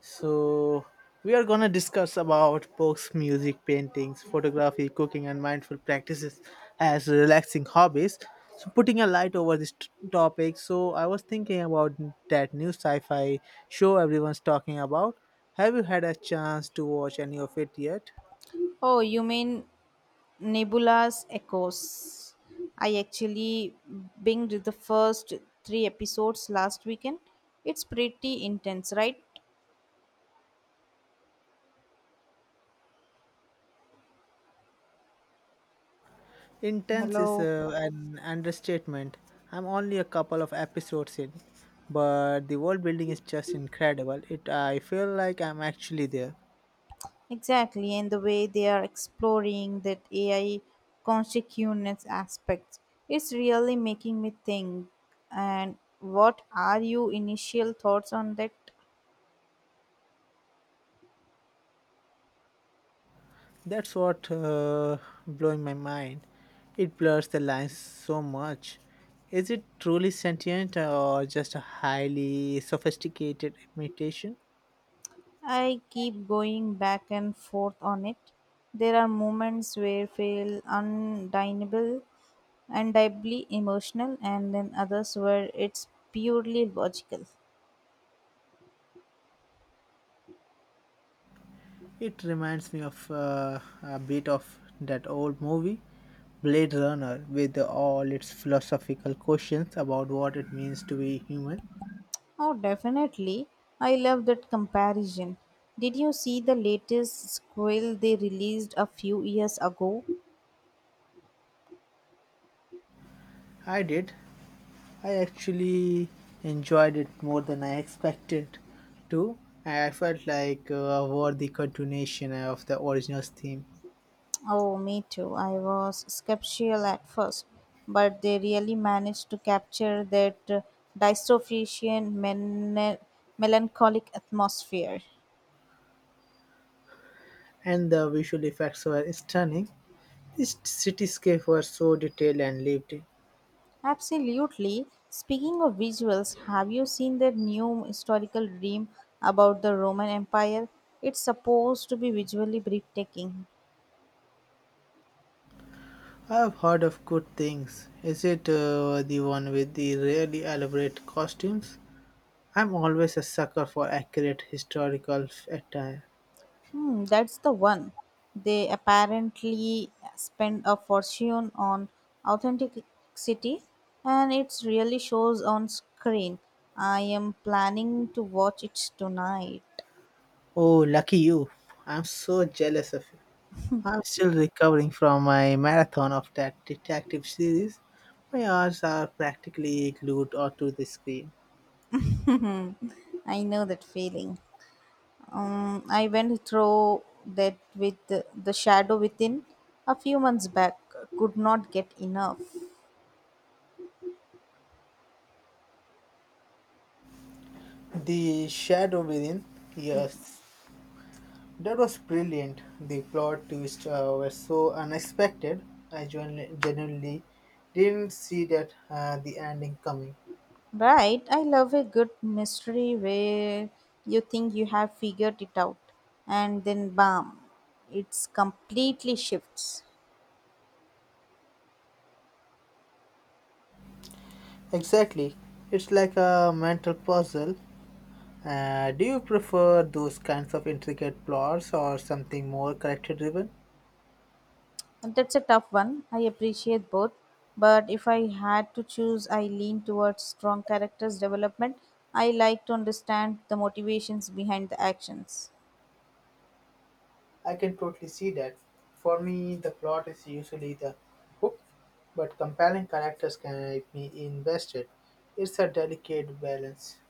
So we are gonna discuss about books, music, paintings, photography, cooking, and mindful practices as relaxing hobbies. So putting a light over this topic. So I was thinking about that new sci-fi show everyone's talking about. Have you had a chance to watch any of it yet? Oh, you mean Nebula's Echoes? I actually binged the first three episodes last weekend. It's pretty intense, right? Intense is Hello. An understatement. I'm only a couple of episodes in, but the world building is just incredible. It I feel like I'm actually there. Exactly, and the way they are exploring that AI consciousness aspect, it's really making me think. And what are your initial thoughts on that? That's what blowing my mind. It blurs the lines so much. Is it truly sentient or just a highly sophisticated imitation? I keep going back and forth on it. There are moments where feel undeniable, undeniably emotional, and then others where it's purely logical. It reminds me of a bit of that old movie, Blade Runner, with all its philosophical questions about what it means to be human. Oh, definitely. I love that comparison. Did you see the latest squirrel they released a few years ago? I did I actually enjoyed it more than I expected to. I felt like were the continuation of the original theme, Oh, me too. I was skeptical at first, but they really managed to capture that dystopian, melancholic atmosphere. and the visual effects were stunning. This cityscape was so detailed and lived in. Absolutely. Speaking of visuals, have you seen that new historical dream about the Roman Empire? It's supposed to be visually breathtaking. I have heard of good things. Is it the one with the really elaborate costumes? I'm always a sucker for accurate historical attire. Hmm, that's the one. They apparently spend a fortune on authenticity, and it really shows on screen. I am planning to watch it tonight. Oh, lucky you! I'm so jealous of you. I'm still recovering from my marathon of that detective series. My eyes are practically glued onto the screen. I know that feeling. I went through that with the shadow within a few months back. Could not get enough. The Shadow Within, yes, that was brilliant. The plot twists were so unexpected. I genuinely didn't see that the ending coming. Right, I love a good mystery where you think you have figured it out and then bam, it's completely shifts. Exactly, it's like a mental puzzle. Do you prefer those kinds of intricate plots or something more character driven? And that's a tough one. I appreciate both, but if I had to choose, I lean towards strong characters development. I like to understand the motivations behind the actions. I can totally see that. For me, the plot is usually the hook, but compelling characters can make me invested. It's a delicate balance.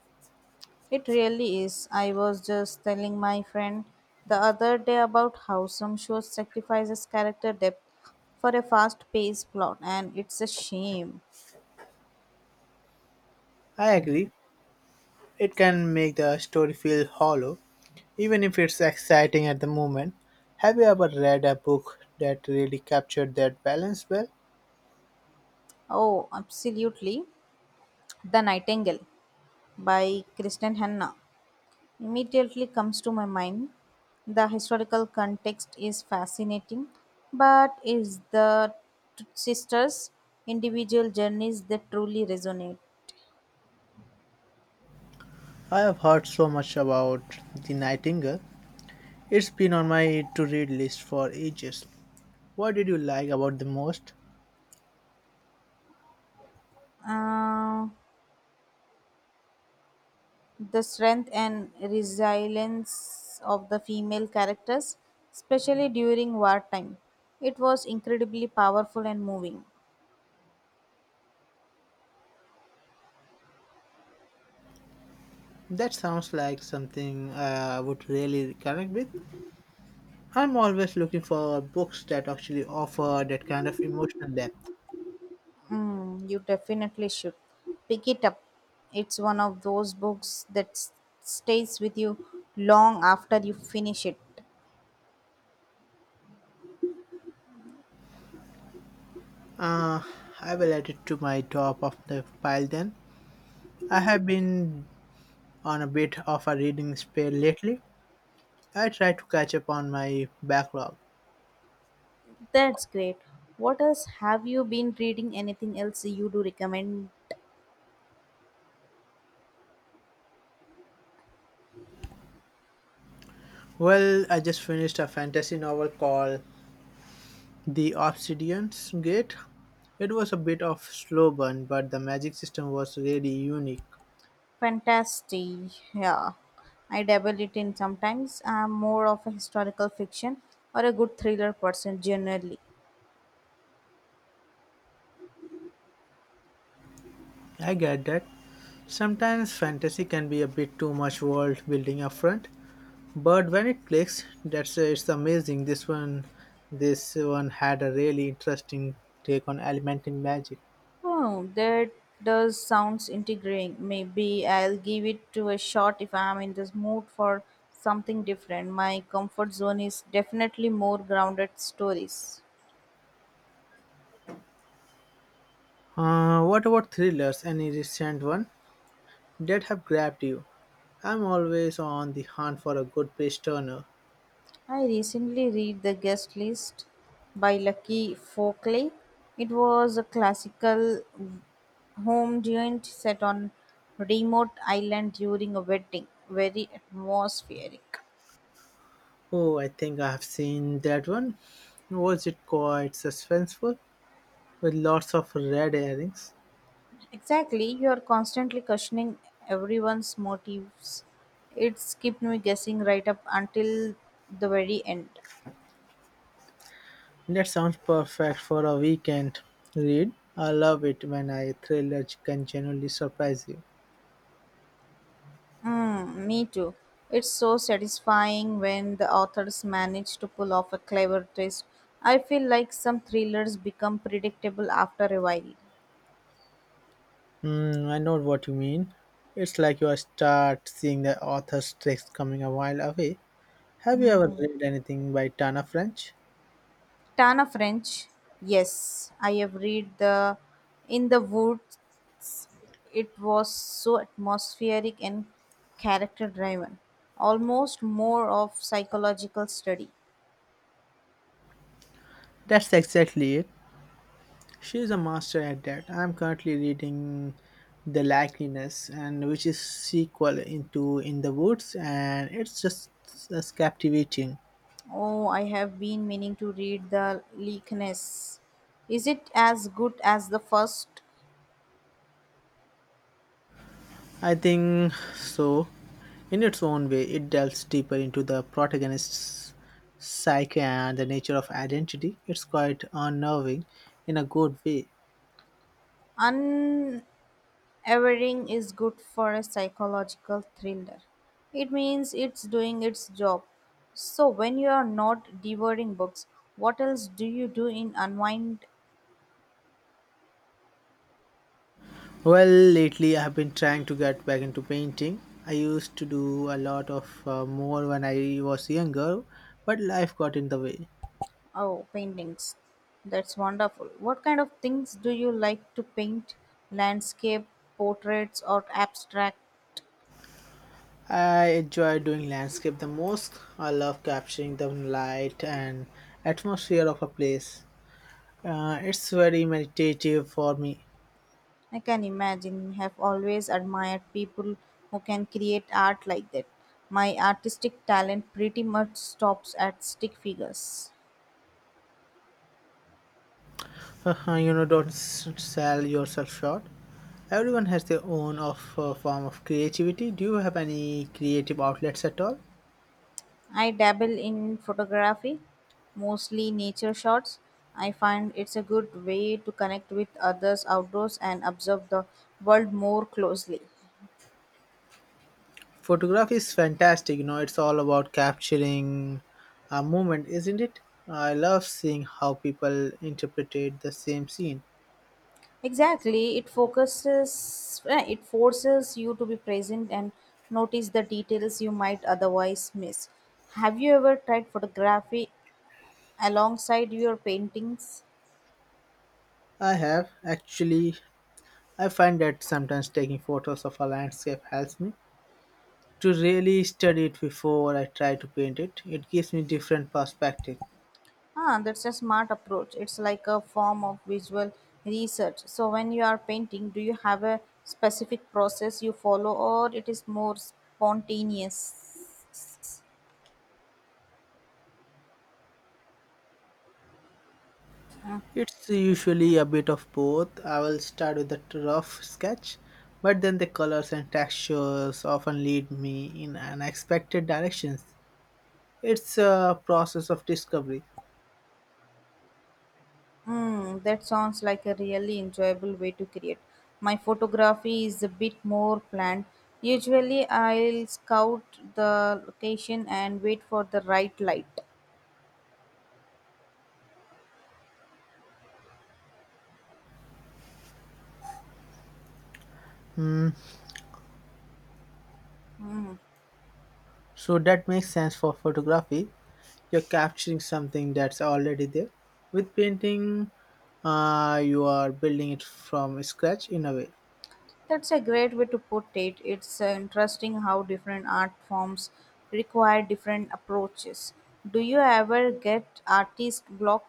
It really is. I was just telling my friend the other day about how some shows sacrifices character depth for a fast paced plot, and it's a shame. I agree. It can make the story feel hollow, even if it's exciting at the moment. Have you ever read a book that really captured that balance well? Oh, absolutely. The Nightingale by Kristen Hanna immediately comes to my mind. The historical context is fascinating, but is the sisters' individual journeys that truly resonate? I have heard so much about The Nightingale. It's been on my to read list for ages. What did you like about the most? Uh, the strength and resilience of the female characters, especially during wartime. It was incredibly powerful and moving. That sounds like something I would really connect with. I'm always looking for books that actually offer that kind of emotional depth. Mm, you definitely should pick it up. It's one of those books that stays with you long after you finish it. Uh, I will add it to my top of the pile then. I have been on a bit of a reading spell lately. I try to catch up on my backlog. That's great. What else have you been reading? Anything else you do recommend? Well, I just finished a fantasy novel called The Obsidian's Gate. It was a bit of slow burn, but the magic system was really unique. Fantasy, yeah. I dabble it in sometimes. I'm more of a historical fiction or a good thriller person generally. I get that. Sometimes fantasy can be a bit too much world building upfront, but when it clicks, that's it's amazing. This one had a really interesting take on element in magic. Oh, that does sounds intriguing. Maybe I'll give it to a shot if I'm in this mood for something different. My comfort zone is definitely more grounded stories. What about thrillers? Any recent one that have grabbed you? I'm always on the hunt for a good page turner. I recently read The Guest List by Lucky Folkley. It was a classical home giant set on remote island during a wedding, very atmospheric. Oh, I think I have seen that one. Was it quite suspenseful with lots of red herrings? Exactly, you are constantly questioning everyone's motives. It's kept me guessing right up until the very end. That sounds perfect for a weekend read. I love it when a thriller can genuinely surprise you. Mm, me too. It's so satisfying when the authors manage to pull off a clever twist. I feel like some thrillers become predictable after a while. Hmm, I know what you mean. It's like you start seeing the author's tricks coming a while away. Have you ever Hmm. read anything by Tana French? Tana French, yes, I have read the In the Woods. It was so atmospheric and character driven, almost more of psychological study. That's exactly it. She is a master at that. I'm currently reading The Likeliness, and which is sequel into In the Woods, and it's just as captivating. Oh, I have been meaning to read the Leakness. Is it as good as the first? I think so. In its own way, it delves deeper into the protagonist's psyche and the nature of identity. It's quite unnerving in a good way. Un Evering is good for a psychological thriller. It means it's doing its job. So when you are not devouring books, what else do you do in unwind? Well, lately I have been trying to get back into painting. I used to do a lot of more when I was younger, but life got in the way. Oh, paintings? That's wonderful. What kind of things do you like to paint? Landscape, portraits or abstract? I enjoy doing landscape the most. I love capturing the light and atmosphere of a place. It's very meditative for me. I can imagine. I have always admired people who can create art like that. My artistic talent pretty much stops at stick figures. You know, don't sell yourself short. Everyone has their own of form of creativity. Do you have any creative outlets at all? I dabble in photography, mostly nature shots. I find it's a good way to connect with others outdoors and observe the world more closely. Photography is fantastic. You know, it's all about capturing a moment, isn't it? I love seeing how people interpretate the same scene. Exactly, it forces you to be present and notice the details you might otherwise miss. Have you ever tried photography alongside your paintings? I have actually. I find that sometimes taking photos of a landscape helps me to really study it before I try to paint it. It gives me different perspective. Ah, that's a smart approach. It's like a form of visual research. So when you are painting, do you have a specific process you follow or it is more spontaneous? It's usually a bit of both. I will start with a rough sketch, but then the colors and textures often lead me in unexpected directions. It's a process of discovery. Hmm, that sounds like a really enjoyable way to create. My photography is a bit more planned. Usually I'll scout the location and wait for the right light. Hmm. So that makes sense for photography. You're capturing something that's already there. With painting, you are building it from scratch in a way. That's a great way to put it. It's interesting how different art forms require different approaches. Do you ever get artist block?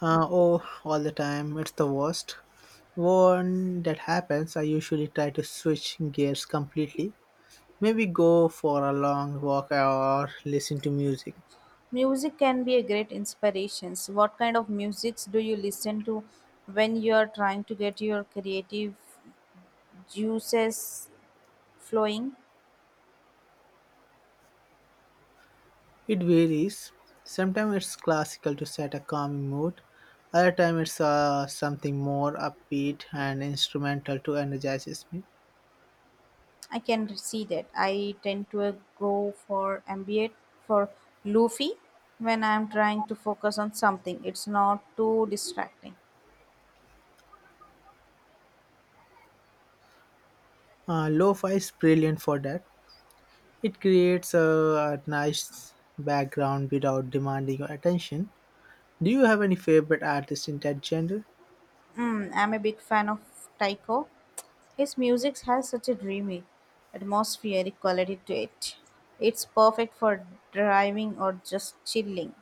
Oh, all the time. It's the worst. When that happens, I usually try to switch gears completely. Maybe go for a long walk or listen to music. Music can be a great inspiration. So what kind of musics do you listen to when you are trying to get your creative juices flowing? It varies. Sometimes it's classical to set a calming mood. Other time it's something more upbeat and instrumental to energizes me. I can see that. I tend to go for ambient for lofi when I'm trying to focus on something. It's not too distracting. Lo-fi is brilliant for that. It creates a nice background without demanding your attention. Do you have any favorite artist in that genre? Mm, I'm a big fan of Taiko. His music has such a dreamy, atmospheric quality to it. It's perfect for driving or just chilling.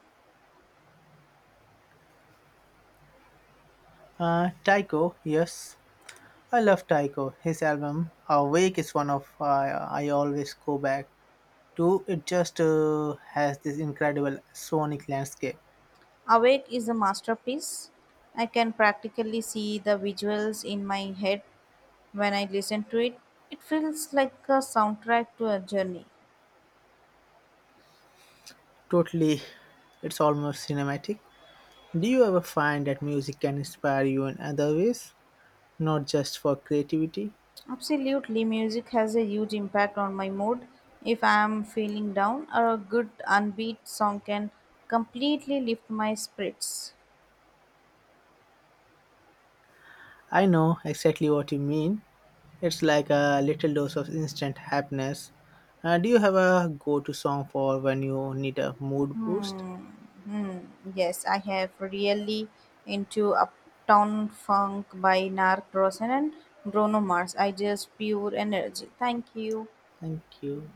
Tycho, yes. I love Tycho. His album Awake is one of I always go back too. It just has this incredible sonic landscape. Awake is a masterpiece. I can practically see the visuals in my head when I listen to it. It feels like a soundtrack to a journey. Totally, it's almost cinematic. Do you ever find that music can inspire you in other ways, not just for creativity? Absolutely, music has a huge impact on my mood. If I am feeling down, a good unbeat song can completely lift my spirits. I know exactly what you mean. It's like a little dose of instant happiness. Do you have a go to song for when you need a mood boost? Hmm. Hmm. Yes, I have really into Uptown Funk by Narc Rosen and Bruno Mars. I just pure energy. Thank you. Thank you.